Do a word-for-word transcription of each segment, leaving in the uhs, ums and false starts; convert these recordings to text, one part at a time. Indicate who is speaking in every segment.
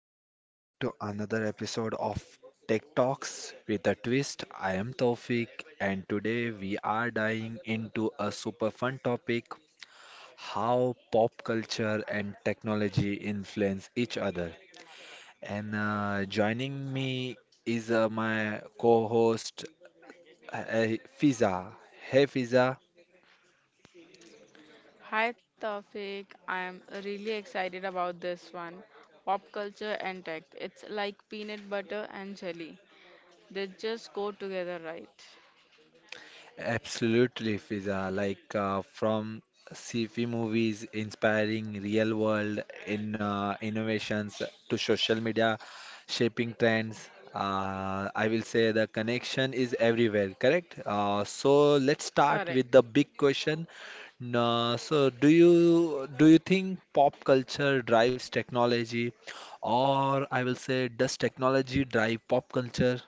Speaker 1: welcome back to another episode of Tech Talks with a Twist. I am Taufik, and today we are diving into a super fun topic: how pop culture and technology influence each other. And uh, joining me is uh, my co host uh, Fiza. Hey Fiza.
Speaker 2: Hi Taufik, I'm really excited about this one. Pop culture and tech. It's like peanut butter and jelly. They just go together, right?
Speaker 1: Absolutely, Fiza. Like uh, from sci-fi movies inspiring real-world in uh, innovations to social media shaping trends. Uh, I will say the connection is everywhere, correct? Uh, so let's start
Speaker 2: Correct.
Speaker 1: with the big question. Uh, so do you do you think pop culture drives technology, or I will say does technology drive pop culture?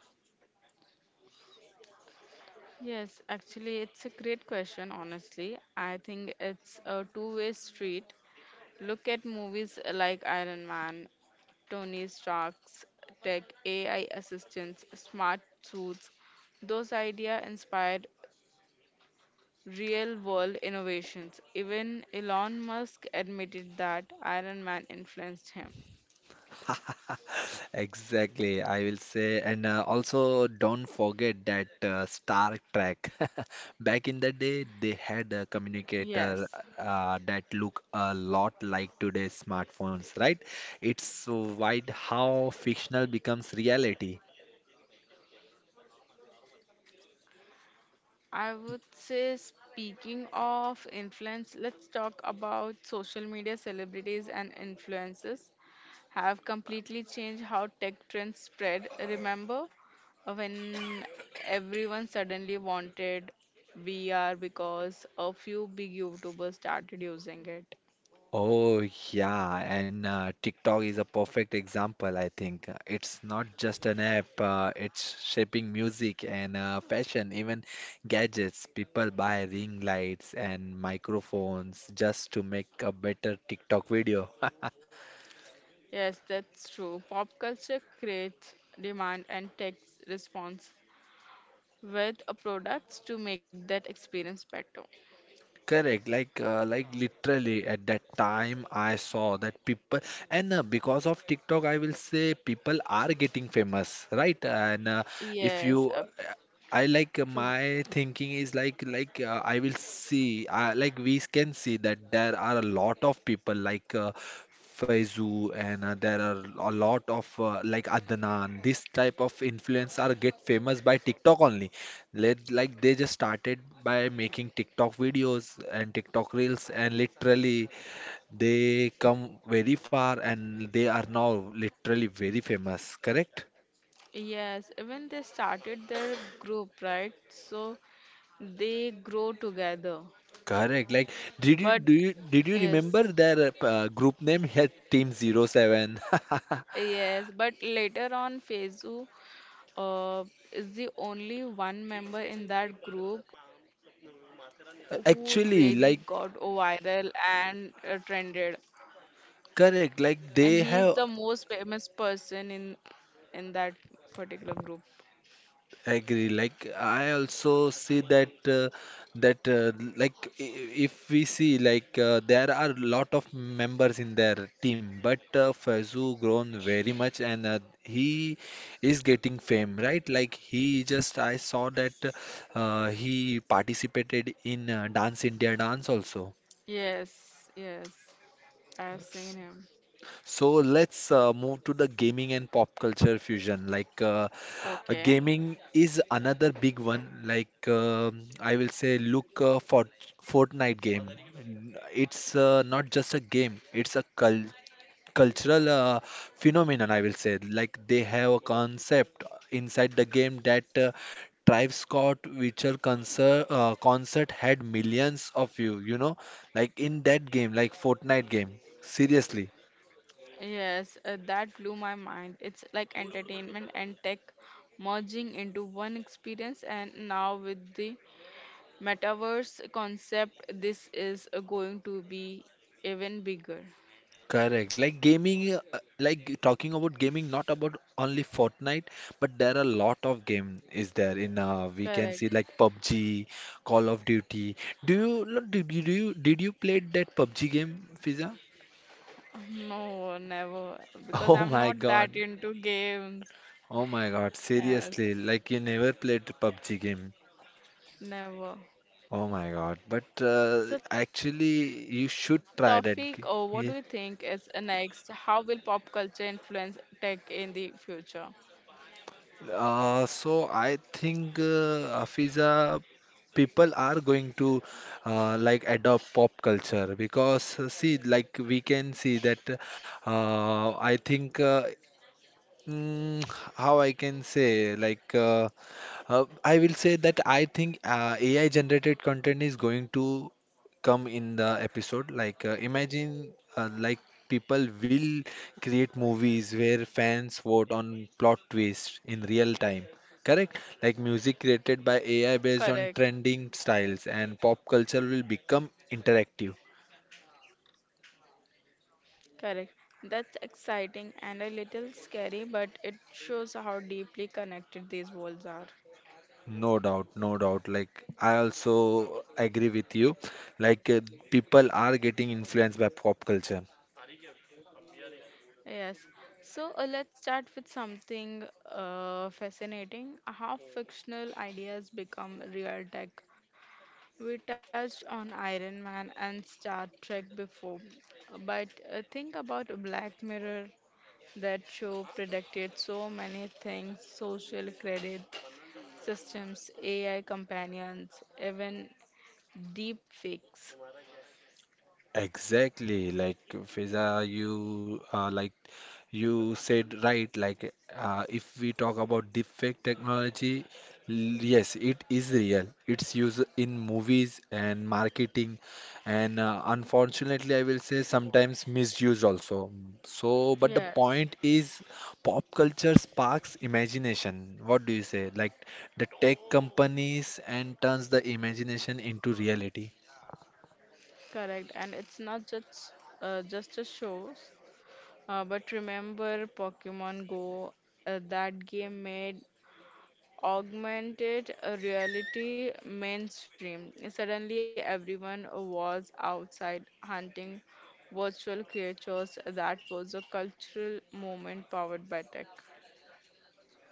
Speaker 2: Yes, actually, it's a great question, honestly. I think it's a two-way street. Look at movies like Iron Man, Tony Stark's tech, A I assistants, smart suits. Those ideas inspired real world innovations. Even Elon Musk admitted that Iron Man influenced him.
Speaker 1: Exactly, I will say. And uh, Also, don't forget that uh, Star Trek. Back in the day, they had a
Speaker 2: Yes,
Speaker 1: communicator uh, that look a lot like today's smartphones, right? It's wild how fictional becomes reality.
Speaker 2: I would say speaking of influence, let's talk about social media celebrities and influencers have completely changed how tech trends spread. Remember uh, when everyone suddenly wanted V R because a few big YouTubers started using it?
Speaker 1: Oh, yeah, and uh, TikTok is a perfect example, I think. It's not just an app, uh, it's shaping music and uh, fashion, even gadgets. People buy ring lights and microphones just to make a better TikTok video.
Speaker 2: Yes, that's true. Pop culture creates demand and takes response with uh, products to make that experience better.
Speaker 1: Correct, like uh, like literally at that time I saw that people and uh, because of TikTok I will say people are getting famous, right? And uh, if you
Speaker 2: Yes, uh,
Speaker 1: I like uh,
Speaker 2: true.
Speaker 1: my thinking is like like uh, I will see uh, like we can see that there are a lot of people like uh, Faizu and uh, there are a lot of uh, like Adnan, this type of influence are get famous by TikTok only let, like they just started by making TikTok videos and TikTok reels, and literally they come very far, and they are now literally very famous. Correct?
Speaker 2: Yes, when they started their group, right? So they grow together.
Speaker 1: Correct. Like, did you
Speaker 2: But
Speaker 1: do you did you remember
Speaker 2: yes,
Speaker 1: their uh, group name? Yeah, Team Zero Seven.
Speaker 2: yes, but later on, Feizu uh, is the only one member in that group who really got
Speaker 1: Actually, like
Speaker 2: viral and uh, trended.
Speaker 1: correct,
Speaker 2: And
Speaker 1: like
Speaker 2: he is
Speaker 1: they
Speaker 2: the
Speaker 1: have
Speaker 2: most famous person in in that particular group.
Speaker 1: I agree. Like I also see that uh, that uh, like i- if we see like uh, there are lot of members in their team, but uh, Fazu grown very much, and uh, he is getting fame, right? Like he just I saw that uh, he participated in uh, Dance India Dance also.
Speaker 2: Yes, yes, I've seen him.
Speaker 1: So let's uh, move to the gaming and pop culture fusion. Like uh, uh,
Speaker 2: Okay.
Speaker 1: gaming is another big one. Like um I will say, look uh, for Fortnite game. N- It's uh, not just a game; it's a cul cultural uh, phenomenon. I will say, like they have a concept inside the game that uh, Travis Scott Witcher concert uh, concert had millions of view. You know, like in that game, like Fortnite game. Seriously.
Speaker 2: Yes, uh, that blew my mind. It's like entertainment and tech merging into one experience, and now with the metaverse concept, this is uh, going to be even bigger.
Speaker 1: Correct. Like gaming, uh, like talking about gaming, not about only Fortnite, but there are a lot of game is there in uh, we can
Speaker 2: Correct.
Speaker 1: see like P U B G, Call of Duty. Do you lo- did you do you did you play that P U B G game, Fiza?
Speaker 2: No, never, because
Speaker 1: Oh
Speaker 2: I'm
Speaker 1: my
Speaker 2: not
Speaker 1: God.
Speaker 2: that into games.
Speaker 1: Oh my God.
Speaker 2: Yes,
Speaker 1: Seriously, like you never played P U B G game.
Speaker 2: never.
Speaker 1: Oh my God. But uh,
Speaker 2: So, Tawfiq, uh,
Speaker 1: actually,
Speaker 2: what do
Speaker 1: you
Speaker 2: you
Speaker 1: should
Speaker 2: think
Speaker 1: try
Speaker 2: is
Speaker 1: that
Speaker 2: uh, next?
Speaker 1: game.
Speaker 2: How will pop culture influence tech in the future?
Speaker 1: Uh, so I think uh, Afiza, people are going to uh, like adopt pop culture because uh, see like we can see that uh, I think uh, Mm, how I can say, like, uh, uh, I will say that I think uh, A I generated content is going to come in the episode. Like, uh, imagine, uh, like, people will create movies where fans vote on plot twists in real time. Correct? Like, music created
Speaker 2: Correct,
Speaker 1: by A I based on trending styles and pop culture will become interactive.
Speaker 2: correct. That's exciting and a little scary, but it shows how deeply connected these worlds are.
Speaker 1: No doubt, no doubt. Like, I also agree with you. Like, uh, people are getting influenced by pop culture.
Speaker 2: Yes. So uh, let's start with something uh, fascinating, how fictional ideas become real tech. We touched on Iron Man and Star Trek before, but uh, think about Black Mirror. That show predicted so many things: social credit systems, A I companions, even deep fakes.
Speaker 1: Exactly, like Fiza, you uh, like you said right. Like uh, if we talk about deepfake technology, l- yes, it is real. It's used in movies and marketing, and uh, unfortunately, I will say sometimes misused also. So, but the
Speaker 2: Yes,
Speaker 1: point is, pop culture sparks imagination. What do you say? Like the tech companies and turns the imagination into reality.
Speaker 2: correct. And it's not just uh, just a show, uh, but remember Pokemon Go. Uh, that game made augmented reality mainstream. Suddenly, everyone was outside hunting virtual creatures. That was a cultural moment powered by tech.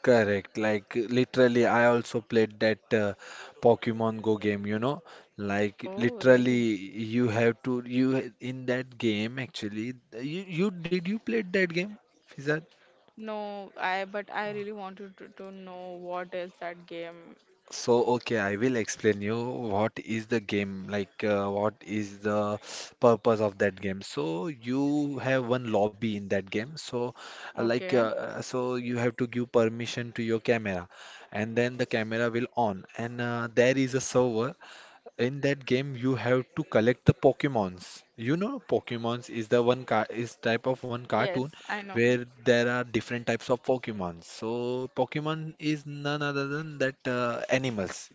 Speaker 1: Correct. Like literally, I also played that uh, Pokemon Go game, you know. Like
Speaker 2: Oh, really?
Speaker 1: literally, you have to you in that game actually. You you did you played that game, Fizan?
Speaker 2: No, I but I really wanted to, to know what is that game.
Speaker 1: So okay, I will explain you what is the game like. Uh, what is the purpose of that game? So you have one lobby in that game. So uh, like uh,
Speaker 2: Okay.
Speaker 1: uh, so you have to give permission to your camera, and then the camera will on, and uh, there is a server in that game. You have to collect the Pokemons. You know Pokemons is the one car is type of one
Speaker 2: Yes, I
Speaker 1: cartoon
Speaker 2: know.
Speaker 1: where there are different types of Pokemons. So Pokemon is none other than that uh, animals.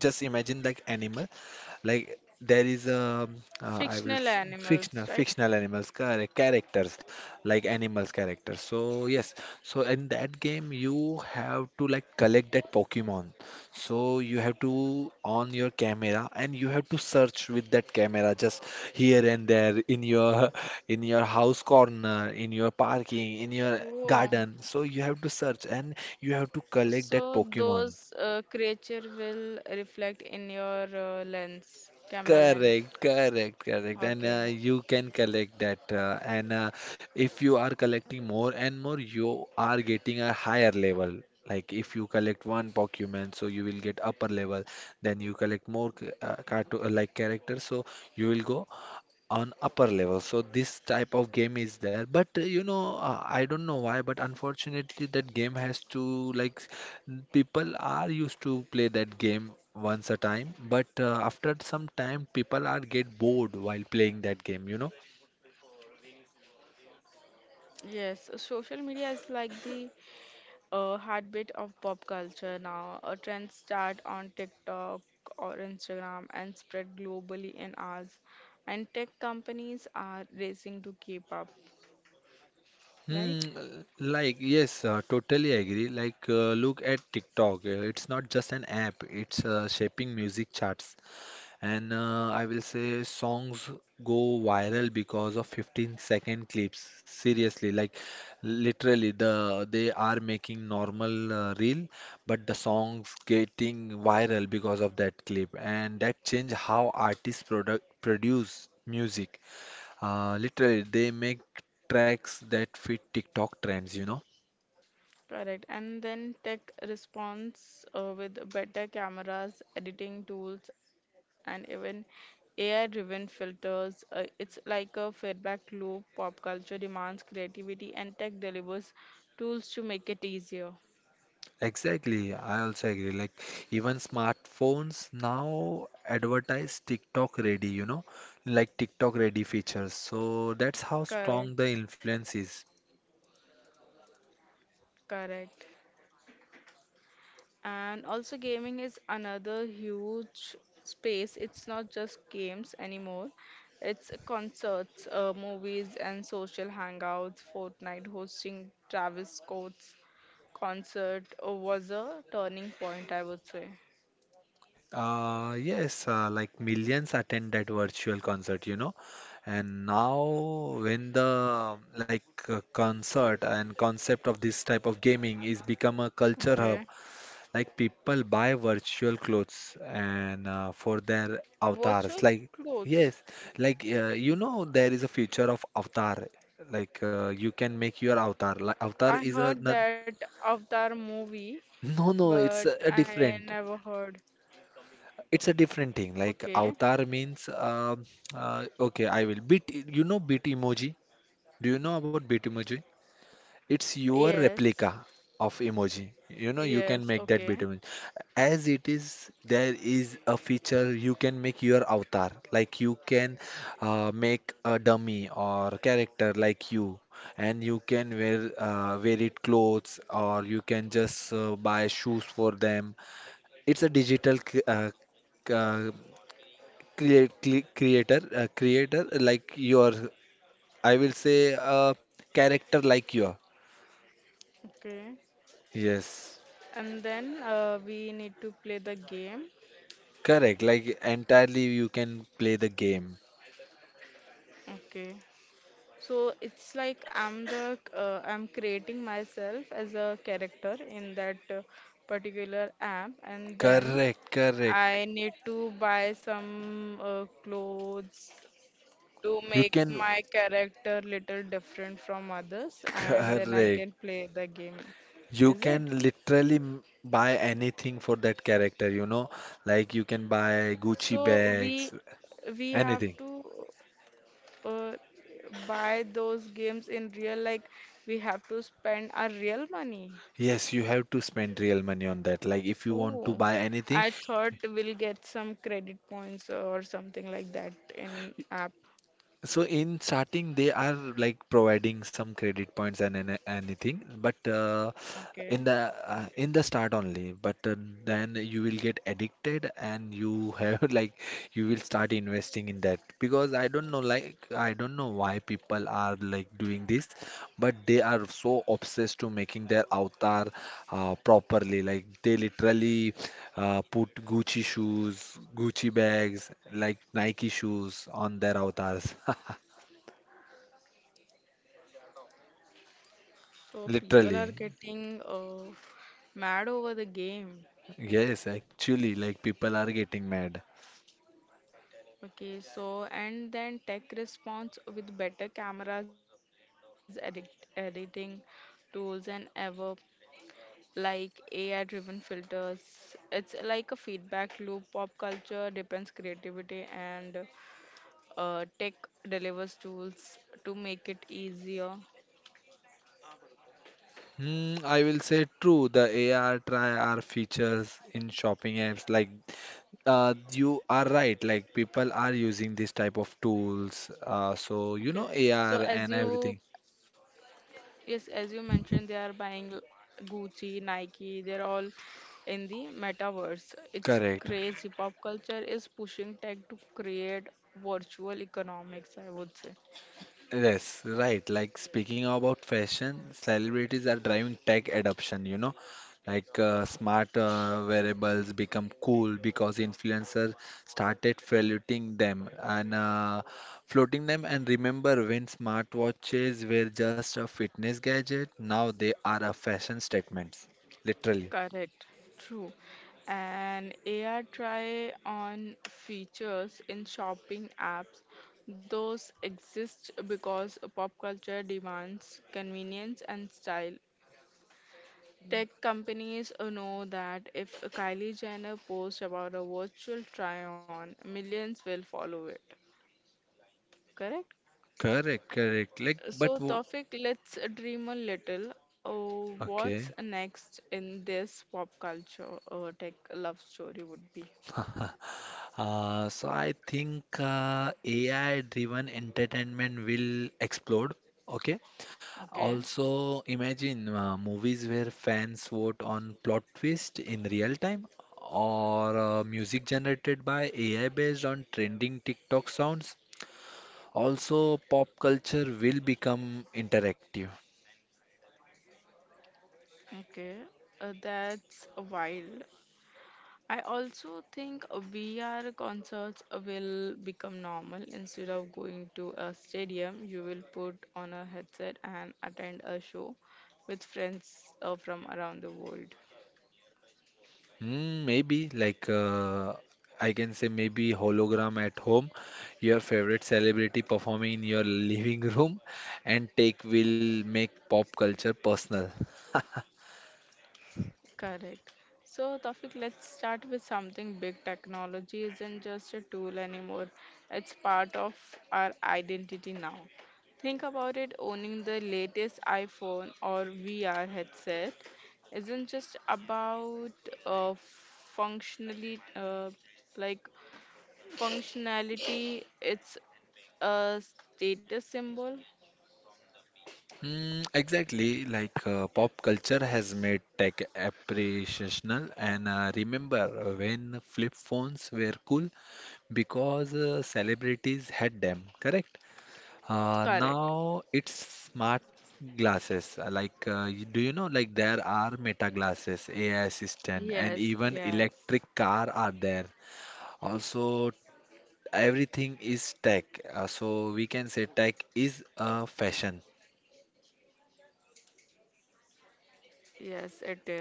Speaker 1: Just imagine like animal like there is a uh, I will
Speaker 2: Fictional
Speaker 1: s-
Speaker 2: animals,
Speaker 1: fictional
Speaker 2: right?
Speaker 1: fictional animals char- characters, like animals characters. So yes, so in that game you have to like collect that Pokemon. So you have to on your camera and you have to search with that camera just here and there in your in your house corner, in your parking, in your
Speaker 2: Oh,
Speaker 1: garden. So you have to search and you have to collect
Speaker 2: so
Speaker 1: that Pokemon.
Speaker 2: those uh, creature will reflect in your uh, lens, camera lens.
Speaker 1: Correct, correct, correct. And
Speaker 2: Okay.
Speaker 1: uh, you can collect that. Uh, and uh, If you are collecting more and more, you are getting a higher level. Like if you collect one Pokemon, so you will get upper level. Then you collect more c- uh, cartoon like characters, so you will go on upper level. So this type of game is there, but uh, you know uh, I don't know why, but unfortunately that game has to like people are used to play that game once a time, but uh, after some time people are get bored while playing that game, you know.
Speaker 2: Yes, social media is like the uh, heartbeat of pop culture now. A trend start on TikTok or Instagram and spread globally in hours. And tech companies are racing to keep up,
Speaker 1: Hmm,
Speaker 2: right?
Speaker 1: like yes, uh, totally agree. Like uh, look at TikTok. Uh, It's not just an app. It's uh, shaping music charts. And uh, I will say songs go viral because of fifteen second clips. Seriously, like literally the they are making normal uh, reel, but the songs getting viral because of that clip, and that change how artists product produce music. Uh, literally, they make tracks that fit TikTok trends, you know.
Speaker 2: Correct. And then tech responds uh, with better cameras, editing tools, and even A I-driven filters. Uh, it's like a feedback loop. Pop culture demands creativity, and tech delivers tools to make it easier.
Speaker 1: Exactly, I also agree. Like even smartphones now advertise TikTok ready, you know, like TikTok ready features. So that's how strong
Speaker 2: Correct,
Speaker 1: the influence is.
Speaker 2: correct. And also, gaming is another huge space. It's not just games anymore. It's concerts, uh, movies, and social hangouts. Fortnite hosting Travis Scott's concert uh, was a turning point, I would say.
Speaker 1: Uh, yes, uh, like millions attend that virtual concert, you know. And now when the like uh, concert and concept of this type of gaming is become a culture hub.
Speaker 2: Okay.
Speaker 1: Like people buy virtual clothes and uh, for their
Speaker 2: Virtual
Speaker 1: avatars. Like
Speaker 2: clothes.
Speaker 1: yes, like uh, you know there is a future of avatar. Like uh, you can make your avatar. Like
Speaker 2: I
Speaker 1: avatar is
Speaker 2: heard
Speaker 1: a not,
Speaker 2: that Avatar movie,
Speaker 1: no no
Speaker 2: but
Speaker 1: it's a, a
Speaker 2: I never
Speaker 1: different.
Speaker 2: heard.
Speaker 1: It's a different thing.
Speaker 2: Okay.
Speaker 1: Like avatar means um uh, okay I will beat. You know beat emoji. Do you know about beat emoji? It's your
Speaker 2: Yes.
Speaker 1: replica of emoji. You know, you
Speaker 2: Yes.
Speaker 1: can make that
Speaker 2: Okay.
Speaker 1: between. As it is, there is a feature you can make your avatar. Like you can uh, make a dummy or character like you, and you can wear uh, wear it clothes, or you can just uh, buy shoes for them. It's a digital cre- uh, c- uh, create cre- creator uh, creator like your. I will say uh, character like your.
Speaker 2: Okay.
Speaker 1: Yes.
Speaker 2: And then uh, we need to play the game.
Speaker 1: Correct, like entirely you can play the game.
Speaker 2: Okay. So it's like I'm the uh, I'm creating myself as a character in that uh, particular app, and then
Speaker 1: Correct, correct.
Speaker 2: I need to buy some uh, clothes to
Speaker 1: You
Speaker 2: make
Speaker 1: can,
Speaker 2: my character little different from others, and
Speaker 1: correct.
Speaker 2: then I can play the game.
Speaker 1: You
Speaker 2: Is it?
Speaker 1: can literally m- buy anything for that character, you know? Like you can buy Gucci
Speaker 2: So we
Speaker 1: bags,
Speaker 2: we have
Speaker 1: anything.
Speaker 2: to uh, buy those games in real, like we have to spend our real money.
Speaker 1: Yes, you have to spend real money on that. Like if you want to
Speaker 2: Oh,
Speaker 1: buy anything,
Speaker 2: I thought we'll get some credit points or something like that in app.
Speaker 1: so in starting, they are like providing some credit points and, an anything, but uh, in
Speaker 2: Okay.
Speaker 1: the uh, in the start only. But uh, then you will get addicted, and you have like you will start investing in that because I don't know like I don't know why people are like doing this, but they are so obsessed to making their avatar uh, properly. Like they literally uh, put Gucci shoes, Gucci bags, like Nike shoes on their avatars.
Speaker 2: So people
Speaker 1: Literally.
Speaker 2: are getting uh, mad over the game.
Speaker 1: Yes, actually, like people are getting mad.
Speaker 2: Okay, so and then tech response with better cameras, edit, editing tools, and ever like A I-driven filters. It's like a feedback loop. Pop culture depends creativity and uh, tech delivers tools to make it easier.
Speaker 1: Hmm, I will say true. The A R try our features in shopping apps. Like, uh, you are right. Like, people are using this type of tools. Uh,
Speaker 2: Okay,
Speaker 1: so you know
Speaker 2: so as
Speaker 1: A R and
Speaker 2: you
Speaker 1: everything.
Speaker 2: yes, as you mentioned, they are buying l- Gucci, Nike. They're all in the metaverse. It's
Speaker 1: Correct.
Speaker 2: crazy. Pop culture is pushing tech to create virtual economics, I would say.
Speaker 1: Yes, right. Like speaking about fashion, celebrities are driving tech adoption, you know, like uh, smart uh, wearables become cool because influencers started floating them and uh, floating them. And remember when smartwatches were just a fitness gadget, now they are a fashion statements, literally.
Speaker 2: Correct, true. And A I try on features in shopping apps. Those exist because pop culture demands convenience and style. Tech companies know that if Kylie Jenner posts about a virtual try on, millions will follow it. Correct?
Speaker 1: Correct, correct. Like,
Speaker 2: So,
Speaker 1: but wo-
Speaker 2: Tawfiq, let's dream a little. Oh, what's
Speaker 1: okay.
Speaker 2: next in this pop culture uh, tech love story would be?
Speaker 1: Uh, so I think uh, A I-driven entertainment will explode. Okay.
Speaker 2: Okay,
Speaker 1: Also, imagine uh, movies where fans vote on plot twist in real time, or uh, music generated by A I based on trending TikTok sounds. Also, pop culture will become interactive.
Speaker 2: okay, uh, that's wild. I also think V R concerts will become normal. Instead of going to a stadium, you will put on a headset and attend a show with friends uh, from around the world.
Speaker 1: Mm, maybe like uh, I can say maybe hologram at home, your favorite celebrity performing in your living room, and take will make pop culture personal.
Speaker 2: Correct. So, Tawfiq, let's start with something big. Technology isn't just a tool anymore, it's part of our identity now. Think about it, owning the latest iPhone or V R headset isn't just about uh, functionally, uh, like functionality, it's a status symbol.
Speaker 1: Mm, exactly, like uh, pop culture has made tech appreciational, and uh, remember when flip phones were cool because uh, celebrities had them, correct? Uh,
Speaker 2: Correct.
Speaker 1: now it's smart glasses. Uh, Like, uh, you- do you know, like, there are Meta glasses, A I assistant, and
Speaker 2: Yes,
Speaker 1: even
Speaker 2: yes,
Speaker 1: electric car are there. Also, everything is tech. Uh, so we can say tech is a fashion.
Speaker 2: yes, it is.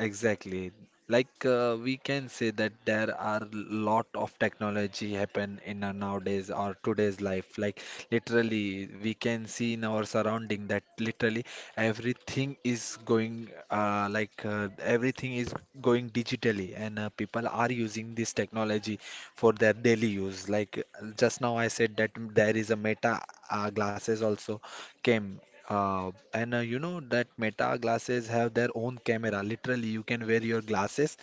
Speaker 1: Exactly. Like uh, we can say that there are lot of technology happen in our nowadays or today's life. Like literally, we can see in our surrounding that literally everything is going uh, like uh, everything is going digitally, and uh, people are using this technology for their daily use. Like uh, just now, I said that there is a Meta uh, glasses also came uh, and uh, you know that Meta glasses have their own camera. Literally, you can wear your glasses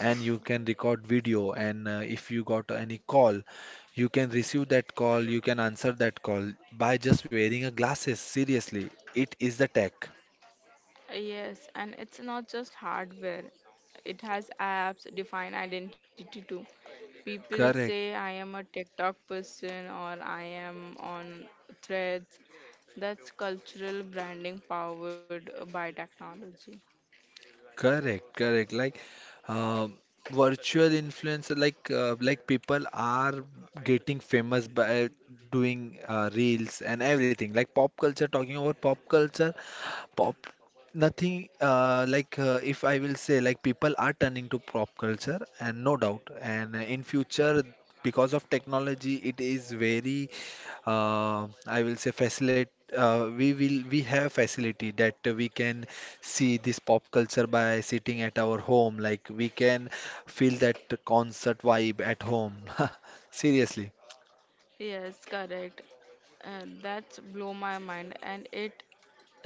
Speaker 1: and you can record video. And uh, if you got any call, you can receive that call, you can answer that call by just wearing a glasses. Seriously, it is the tech.
Speaker 2: Yes, and it's not just hardware. It has apps, define identity too. People say
Speaker 1: Correct,
Speaker 2: I am a TikTok person or I am on Threads. That's cultural branding powered by technology.
Speaker 1: correct, correct. Like uh, Virtual influencer, like uh, like people are getting famous by doing uh, reels and everything. Like pop culture, talking about pop culture. pop. Nothing uh, like uh, If I will say like people are turning to pop culture and no doubt and in future because of technology it is very uh, I will say facilitate uh, we will we have facility that we can see this pop culture by sitting at our home like we can feel that concert vibe at home. Seriously.
Speaker 2: Yes, correct. And that's blow my mind, and it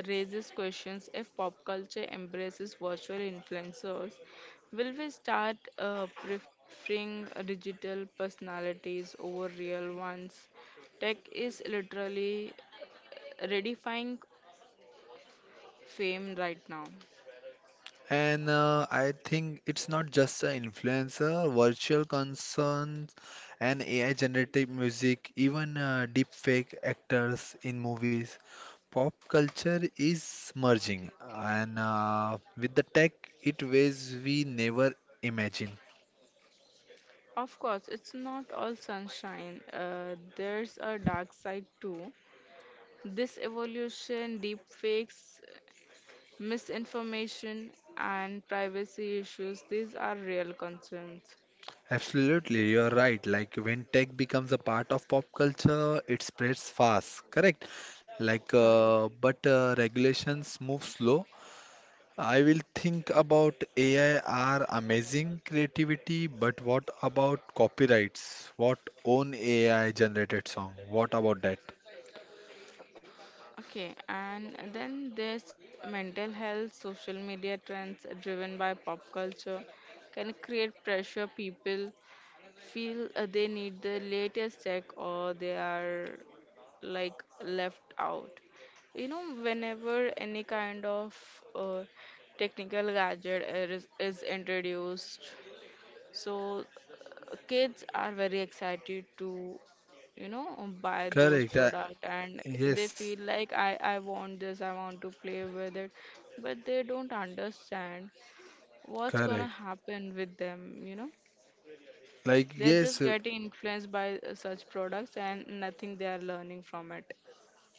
Speaker 2: raises questions: if pop culture embraces virtual influencers, will we start uh, preferring digital personalities over real ones? Tech is literally redefining fame right now.
Speaker 1: And uh, I think it's not just an influencer, virtual concerns and A I generated music, even uh, deepfake actors in movies. Pop culture is merging, and uh, with the tech, it ways we never imagined.
Speaker 2: Of course, it's not all sunshine. Uh, there's a dark side too. This evolution, deepfakes, misinformation, and privacy issues. These are real concerns.
Speaker 1: Absolutely, you're right. Like when tech becomes a part of pop culture, it spreads fast, correct? Like, uh,
Speaker 2: Correct.
Speaker 1: but uh, regulations move slow. I will think about A I are amazing creativity, but what about copyrights? What own A I generated song? What about that?
Speaker 2: Okay, and then there's mental health, social media trends driven by pop culture can create pressure. People feel uh, they need the latest tech or they are like left out. You know, whenever any kind of uh, technical gadget is, is introduced, so uh, kids are very excited to, you know, buy those
Speaker 1: Correct. uh,
Speaker 2: product, and they
Speaker 1: yes,
Speaker 2: feel like I I want this, I want to play with it, but they don't understand what's gonna
Speaker 1: Correct.
Speaker 2: happen with them, you know,
Speaker 1: Like
Speaker 2: they're
Speaker 1: yes,
Speaker 2: just
Speaker 1: uh,
Speaker 2: getting influenced by uh, such products and nothing they are learning from it.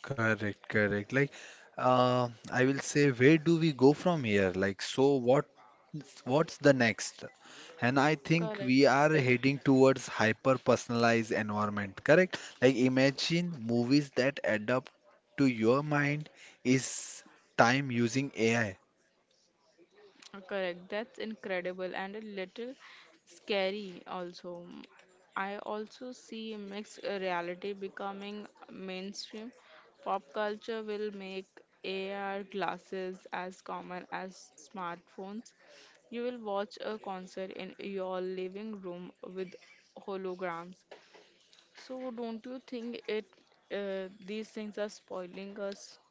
Speaker 1: correct, correct. Like uh, I will say, where do we go from here? Like so, what what's the next? And I think we
Speaker 2: Correct.
Speaker 1: are heading towards hyper personalized environment, correct? Like imagine movies that adapt to your mind is time using A I.
Speaker 2: Uh, Correct. That's incredible and a little scary also. I also see mixed reality becoming mainstream. Pop culture will make A R glasses as common as smartphones. You will watch a concert in your living room with holograms. So don't you think it uh, these things are spoiling us?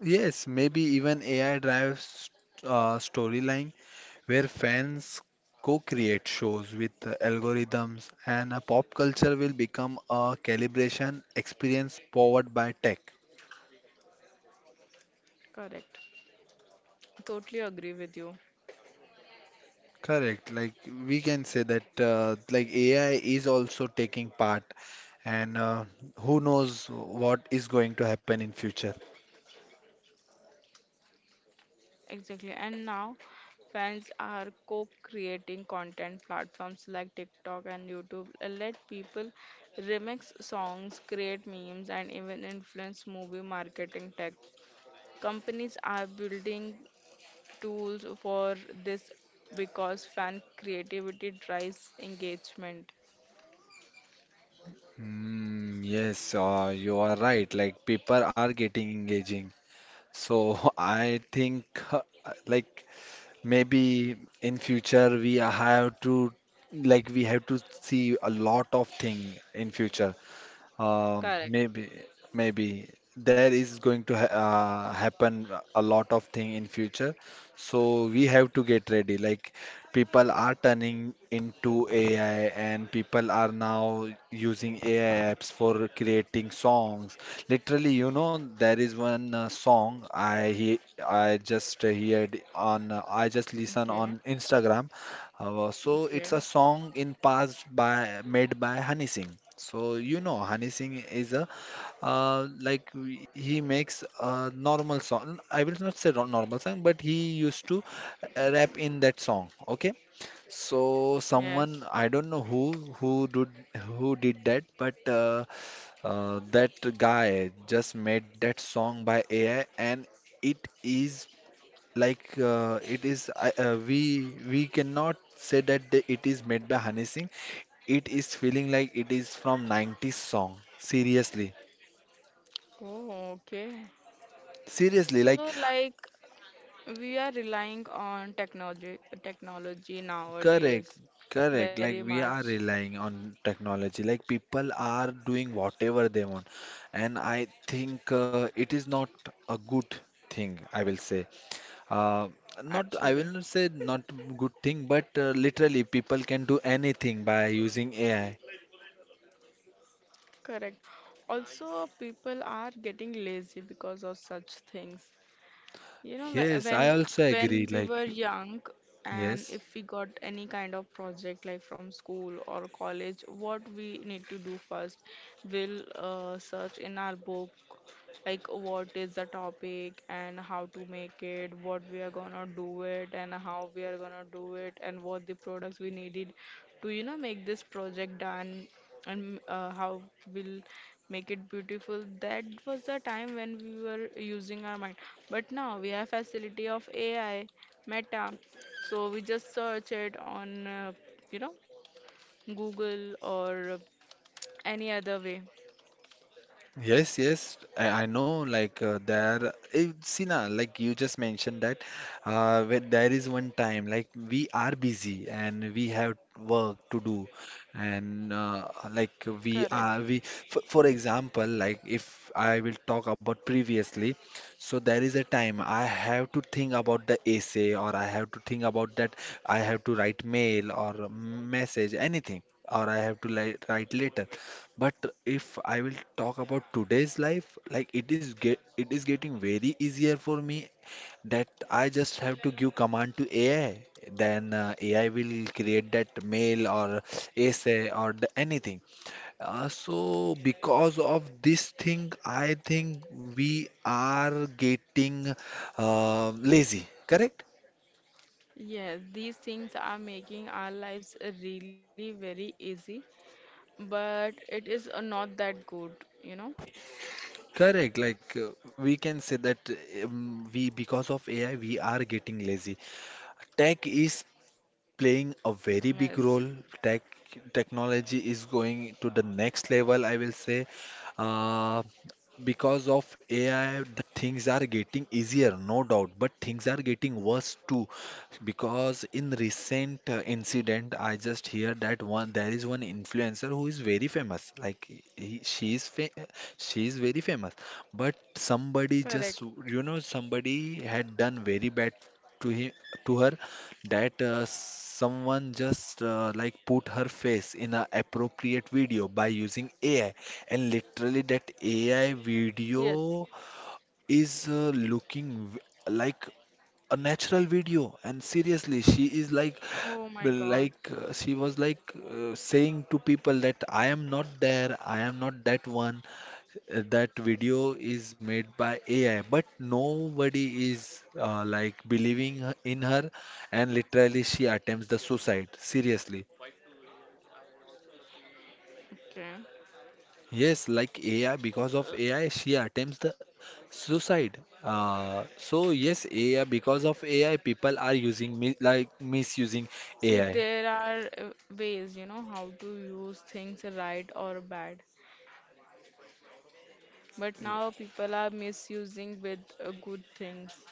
Speaker 1: Yes, maybe even A I drives uh, storyline where fans co-create shows with uh, algorithms and uh, pop culture will become a calibration experience powered by tech.
Speaker 2: Correct. Totally agree with you.
Speaker 1: Correct. Like we can say that uh, like A I is also taking part and uh, who knows what is going to happen in future.
Speaker 2: Exactly. And now fans are co-creating content, platforms like TikTok and YouTube uh, let people remix songs, create memes, and even influence movie marketing tech. Companies are building tools for this because fan creativity drives engagement.
Speaker 1: Mm, yes, uh, you are right. Like people are getting engaging. So I think uh, like maybe in future we have to like we have to see a lot of thing in future. Um,
Speaker 2: Correct.
Speaker 1: maybe, maybe there is going to ha uh, happen a lot of thing in future. So we have to get ready. Like people are turning into A I, and people are now using A I apps for creating songs. Literally, you know, there is one uh, song I he I just heard on uh, I just listen
Speaker 2: Okay.
Speaker 1: on Instagram. Uh, so
Speaker 2: Okay.
Speaker 1: it's a song in past by made by Honey Singh. So you know Honey Singh is a uh, like w- he makes a normal song. I will not say ro- normal song, but he used to uh, rap in that song. Okay, so someone
Speaker 2: Yes.
Speaker 1: I don't know who who did who did that, but uh, uh, that guy just made that song by A I and. It is like uh, it is I- uh, we we cannot say that the, it is made by Honey Singh. It is feeling like it is from nineties song. Seriously,
Speaker 2: Oh, okay.
Speaker 1: seriously, like
Speaker 2: So like, we are relying on technology technology
Speaker 1: correct,
Speaker 2: nowadays
Speaker 1: correct.
Speaker 2: very
Speaker 1: Like we are
Speaker 2: much
Speaker 1: relying on technology. Like people are doing whatever they want, and I think uh, it is not a good thing. I will say. Uh, not I
Speaker 2: actually.
Speaker 1: will not say not good thing but uh, literally people can do anything by using ai.
Speaker 2: Correct. Also, people are getting lazy because of such things. You know, whe-
Speaker 1: Yes, I
Speaker 2: when
Speaker 1: also
Speaker 2: when
Speaker 1: agree.
Speaker 2: we were
Speaker 1: Like,
Speaker 2: young, and
Speaker 1: yes.
Speaker 2: if we got any kind of project like from school or college, what we need to do first, we'll uh, search in our book, like what is the topic and how to make it, what we are gonna do it, and how we are gonna do it, and what the products we needed to, you know, make this project done, and uh, how we'll make it beautiful. That was the time when we were using our mind, but now we have facility of AI, meta, so we just search it on, uh, you know, Google or any other way.
Speaker 1: Yes, yes, I, I know. Like uh, there, eh, see now, like you just mentioned that uh, when there is one time, like we are busy and we have work to do, and uh, like we are
Speaker 2: Correct.
Speaker 1: we. For, for example, like if I will talk about previously, so there is a time I have to think about the essay, or I have to think about that I have to write mail or message anything, or I have to like write letter. But if I will talk about today's life, like it is get it is getting very easier for me that I just have to give command to A I. Then uh, A I will create that mail or essay or the, anything. Uh, so because of this thing, I think we are getting uh, lazy. Correct?
Speaker 2: Yes, these things are making our lives really very easy, but it is uh, not that good, you know.
Speaker 1: Correct. Like uh, we can say that um, we because of A I we are getting lazy. Tech is playing a
Speaker 2: Yes.
Speaker 1: very big role. Tech Technology is going to the next level, I will say. Uh, because of A I, the things are getting easier, no doubt, but things are getting worse too. Because in recent uh, incident, I just hear that one there is one influencer who is very famous. Like he, she is fa she is very famous, but somebody just
Speaker 2: Correct.
Speaker 1: you know somebody had done very bad to him to her that uh, someone just uh, like put her face in a appropriate video by using A I, and literally that A I
Speaker 2: Yes.
Speaker 1: video is uh, looking v- like a natural video and seriously she is like
Speaker 2: Oh my God.
Speaker 1: like uh, she was like uh, saying to people that I am not there, I am not that one. Uh, that video is made by A I but nobody is uh, like believing her- in her, and literally she attempts the suicide. Seriously.
Speaker 2: Okay.
Speaker 1: Yes, like A I, because of A I, she attempts the suicide. Uh, so yes, A I, because of A I, people are using mi like misusing
Speaker 2: See,
Speaker 1: A I.
Speaker 2: there are uh, ways, you know, how to use things right or bad. But now people are misusing with uh, good things.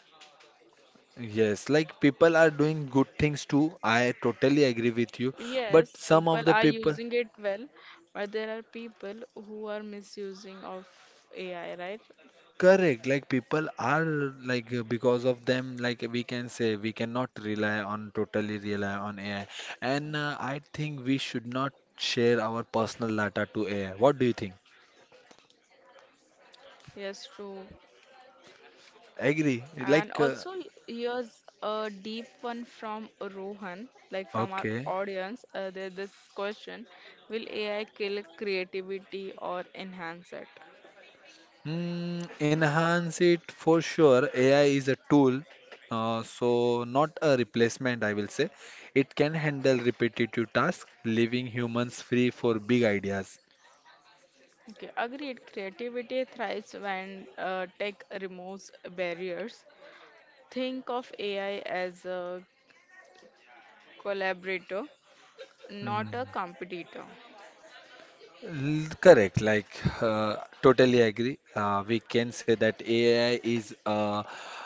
Speaker 1: Yes, like people are doing good things too. I totally agree with you. But
Speaker 2: Yes,
Speaker 1: some
Speaker 2: people
Speaker 1: of the
Speaker 2: are
Speaker 1: people,
Speaker 2: using it well, but there are people who are misusing of A I, right?
Speaker 1: correct, like people are like uh, because of them, like we can say we cannot rely on totally rely on A I. And uh, I think we should not share our personal data to A I. What do you think?
Speaker 2: Yes, true.
Speaker 1: Agree.
Speaker 2: And also,
Speaker 1: Like,
Speaker 2: y-
Speaker 1: uh,
Speaker 2: here's a deep one from Rohan, like from our
Speaker 1: okay.
Speaker 2: audience. Uh, there's this question: will A I kill creativity or enhance it?
Speaker 1: Mm, enhance it for sure. A I is a tool, uh, so not a replacement, I will say. It can handle repetitive tasks, leaving humans free for big ideas.
Speaker 2: Okay, agreed. Creativity thrives when uh, tech removes barriers. Think of A I as a collaborator, not a
Speaker 1: Mm.
Speaker 2: competitor.
Speaker 1: L- Correct, like uh, totally agree. Uh, we can say that A I is uh,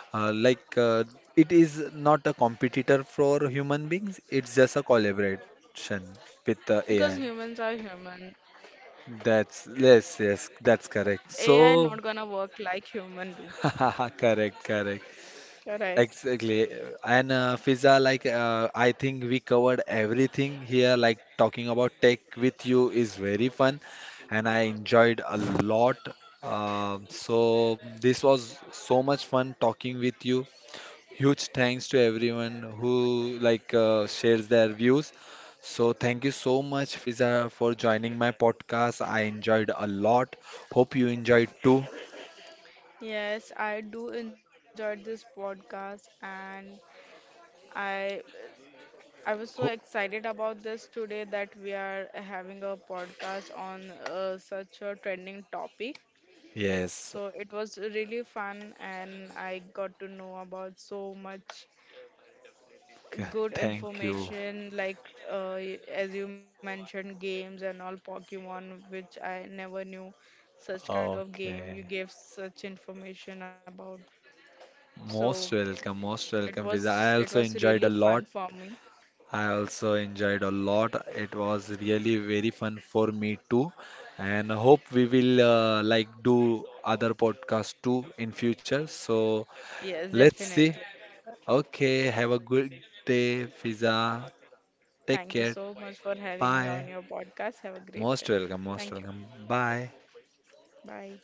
Speaker 1: uh, like uh, it is not a competitor for human beings, it's just a collaboration with
Speaker 2: Because
Speaker 1: uh,
Speaker 2: humans
Speaker 1: A I.
Speaker 2: are human.
Speaker 1: That's yes, yes, that's correct.
Speaker 2: A I not
Speaker 1: So,
Speaker 2: gonna work like human do.
Speaker 1: correct, correct,
Speaker 2: Correct.
Speaker 1: exactly. And uh, Fiza, like uh, I think we covered everything here. Like talking about tech with you is very fun, and I enjoyed a lot. Um, so this was so much fun talking with you. Huge thanks to everyone who like uh, shares their views. So thank you so much, Fiza, for joining my podcast. I enjoyed a lot. Hope you enjoyed too.
Speaker 2: Yes, I do enjoyed this podcast, and I I was so
Speaker 1: Ho-
Speaker 2: excited about this today that we are having a podcast on uh, such a trending topic.
Speaker 1: yes.
Speaker 2: So it was really fun, and I got to know about so much
Speaker 1: Okay,
Speaker 2: good
Speaker 1: thank you.
Speaker 2: information, like uh, y- as you mentioned, games and all Pokemon, which I never knew such kind of game. You
Speaker 1: Okay.
Speaker 2: gave such information about. So
Speaker 1: Most welcome,
Speaker 2: it
Speaker 1: most welcome,
Speaker 2: was
Speaker 1: Fiza.
Speaker 2: it
Speaker 1: I
Speaker 2: was
Speaker 1: also
Speaker 2: really
Speaker 1: enjoyed a
Speaker 2: fun for
Speaker 1: lot.
Speaker 2: me.
Speaker 1: I also enjoyed a lot. It was really very fun for me too. And hope we will uh, like do other podcasts too in future. So
Speaker 2: Yes,
Speaker 1: let's see.
Speaker 2: definitely.
Speaker 1: Okay, have a good day, Fiza. Take
Speaker 2: Thank you
Speaker 1: care.
Speaker 2: so much for having me on
Speaker 1: Bye.
Speaker 2: your podcast. Have a great day.
Speaker 1: Most welcome, most
Speaker 2: Thank you.
Speaker 1: welcome. Bye.
Speaker 2: Bye.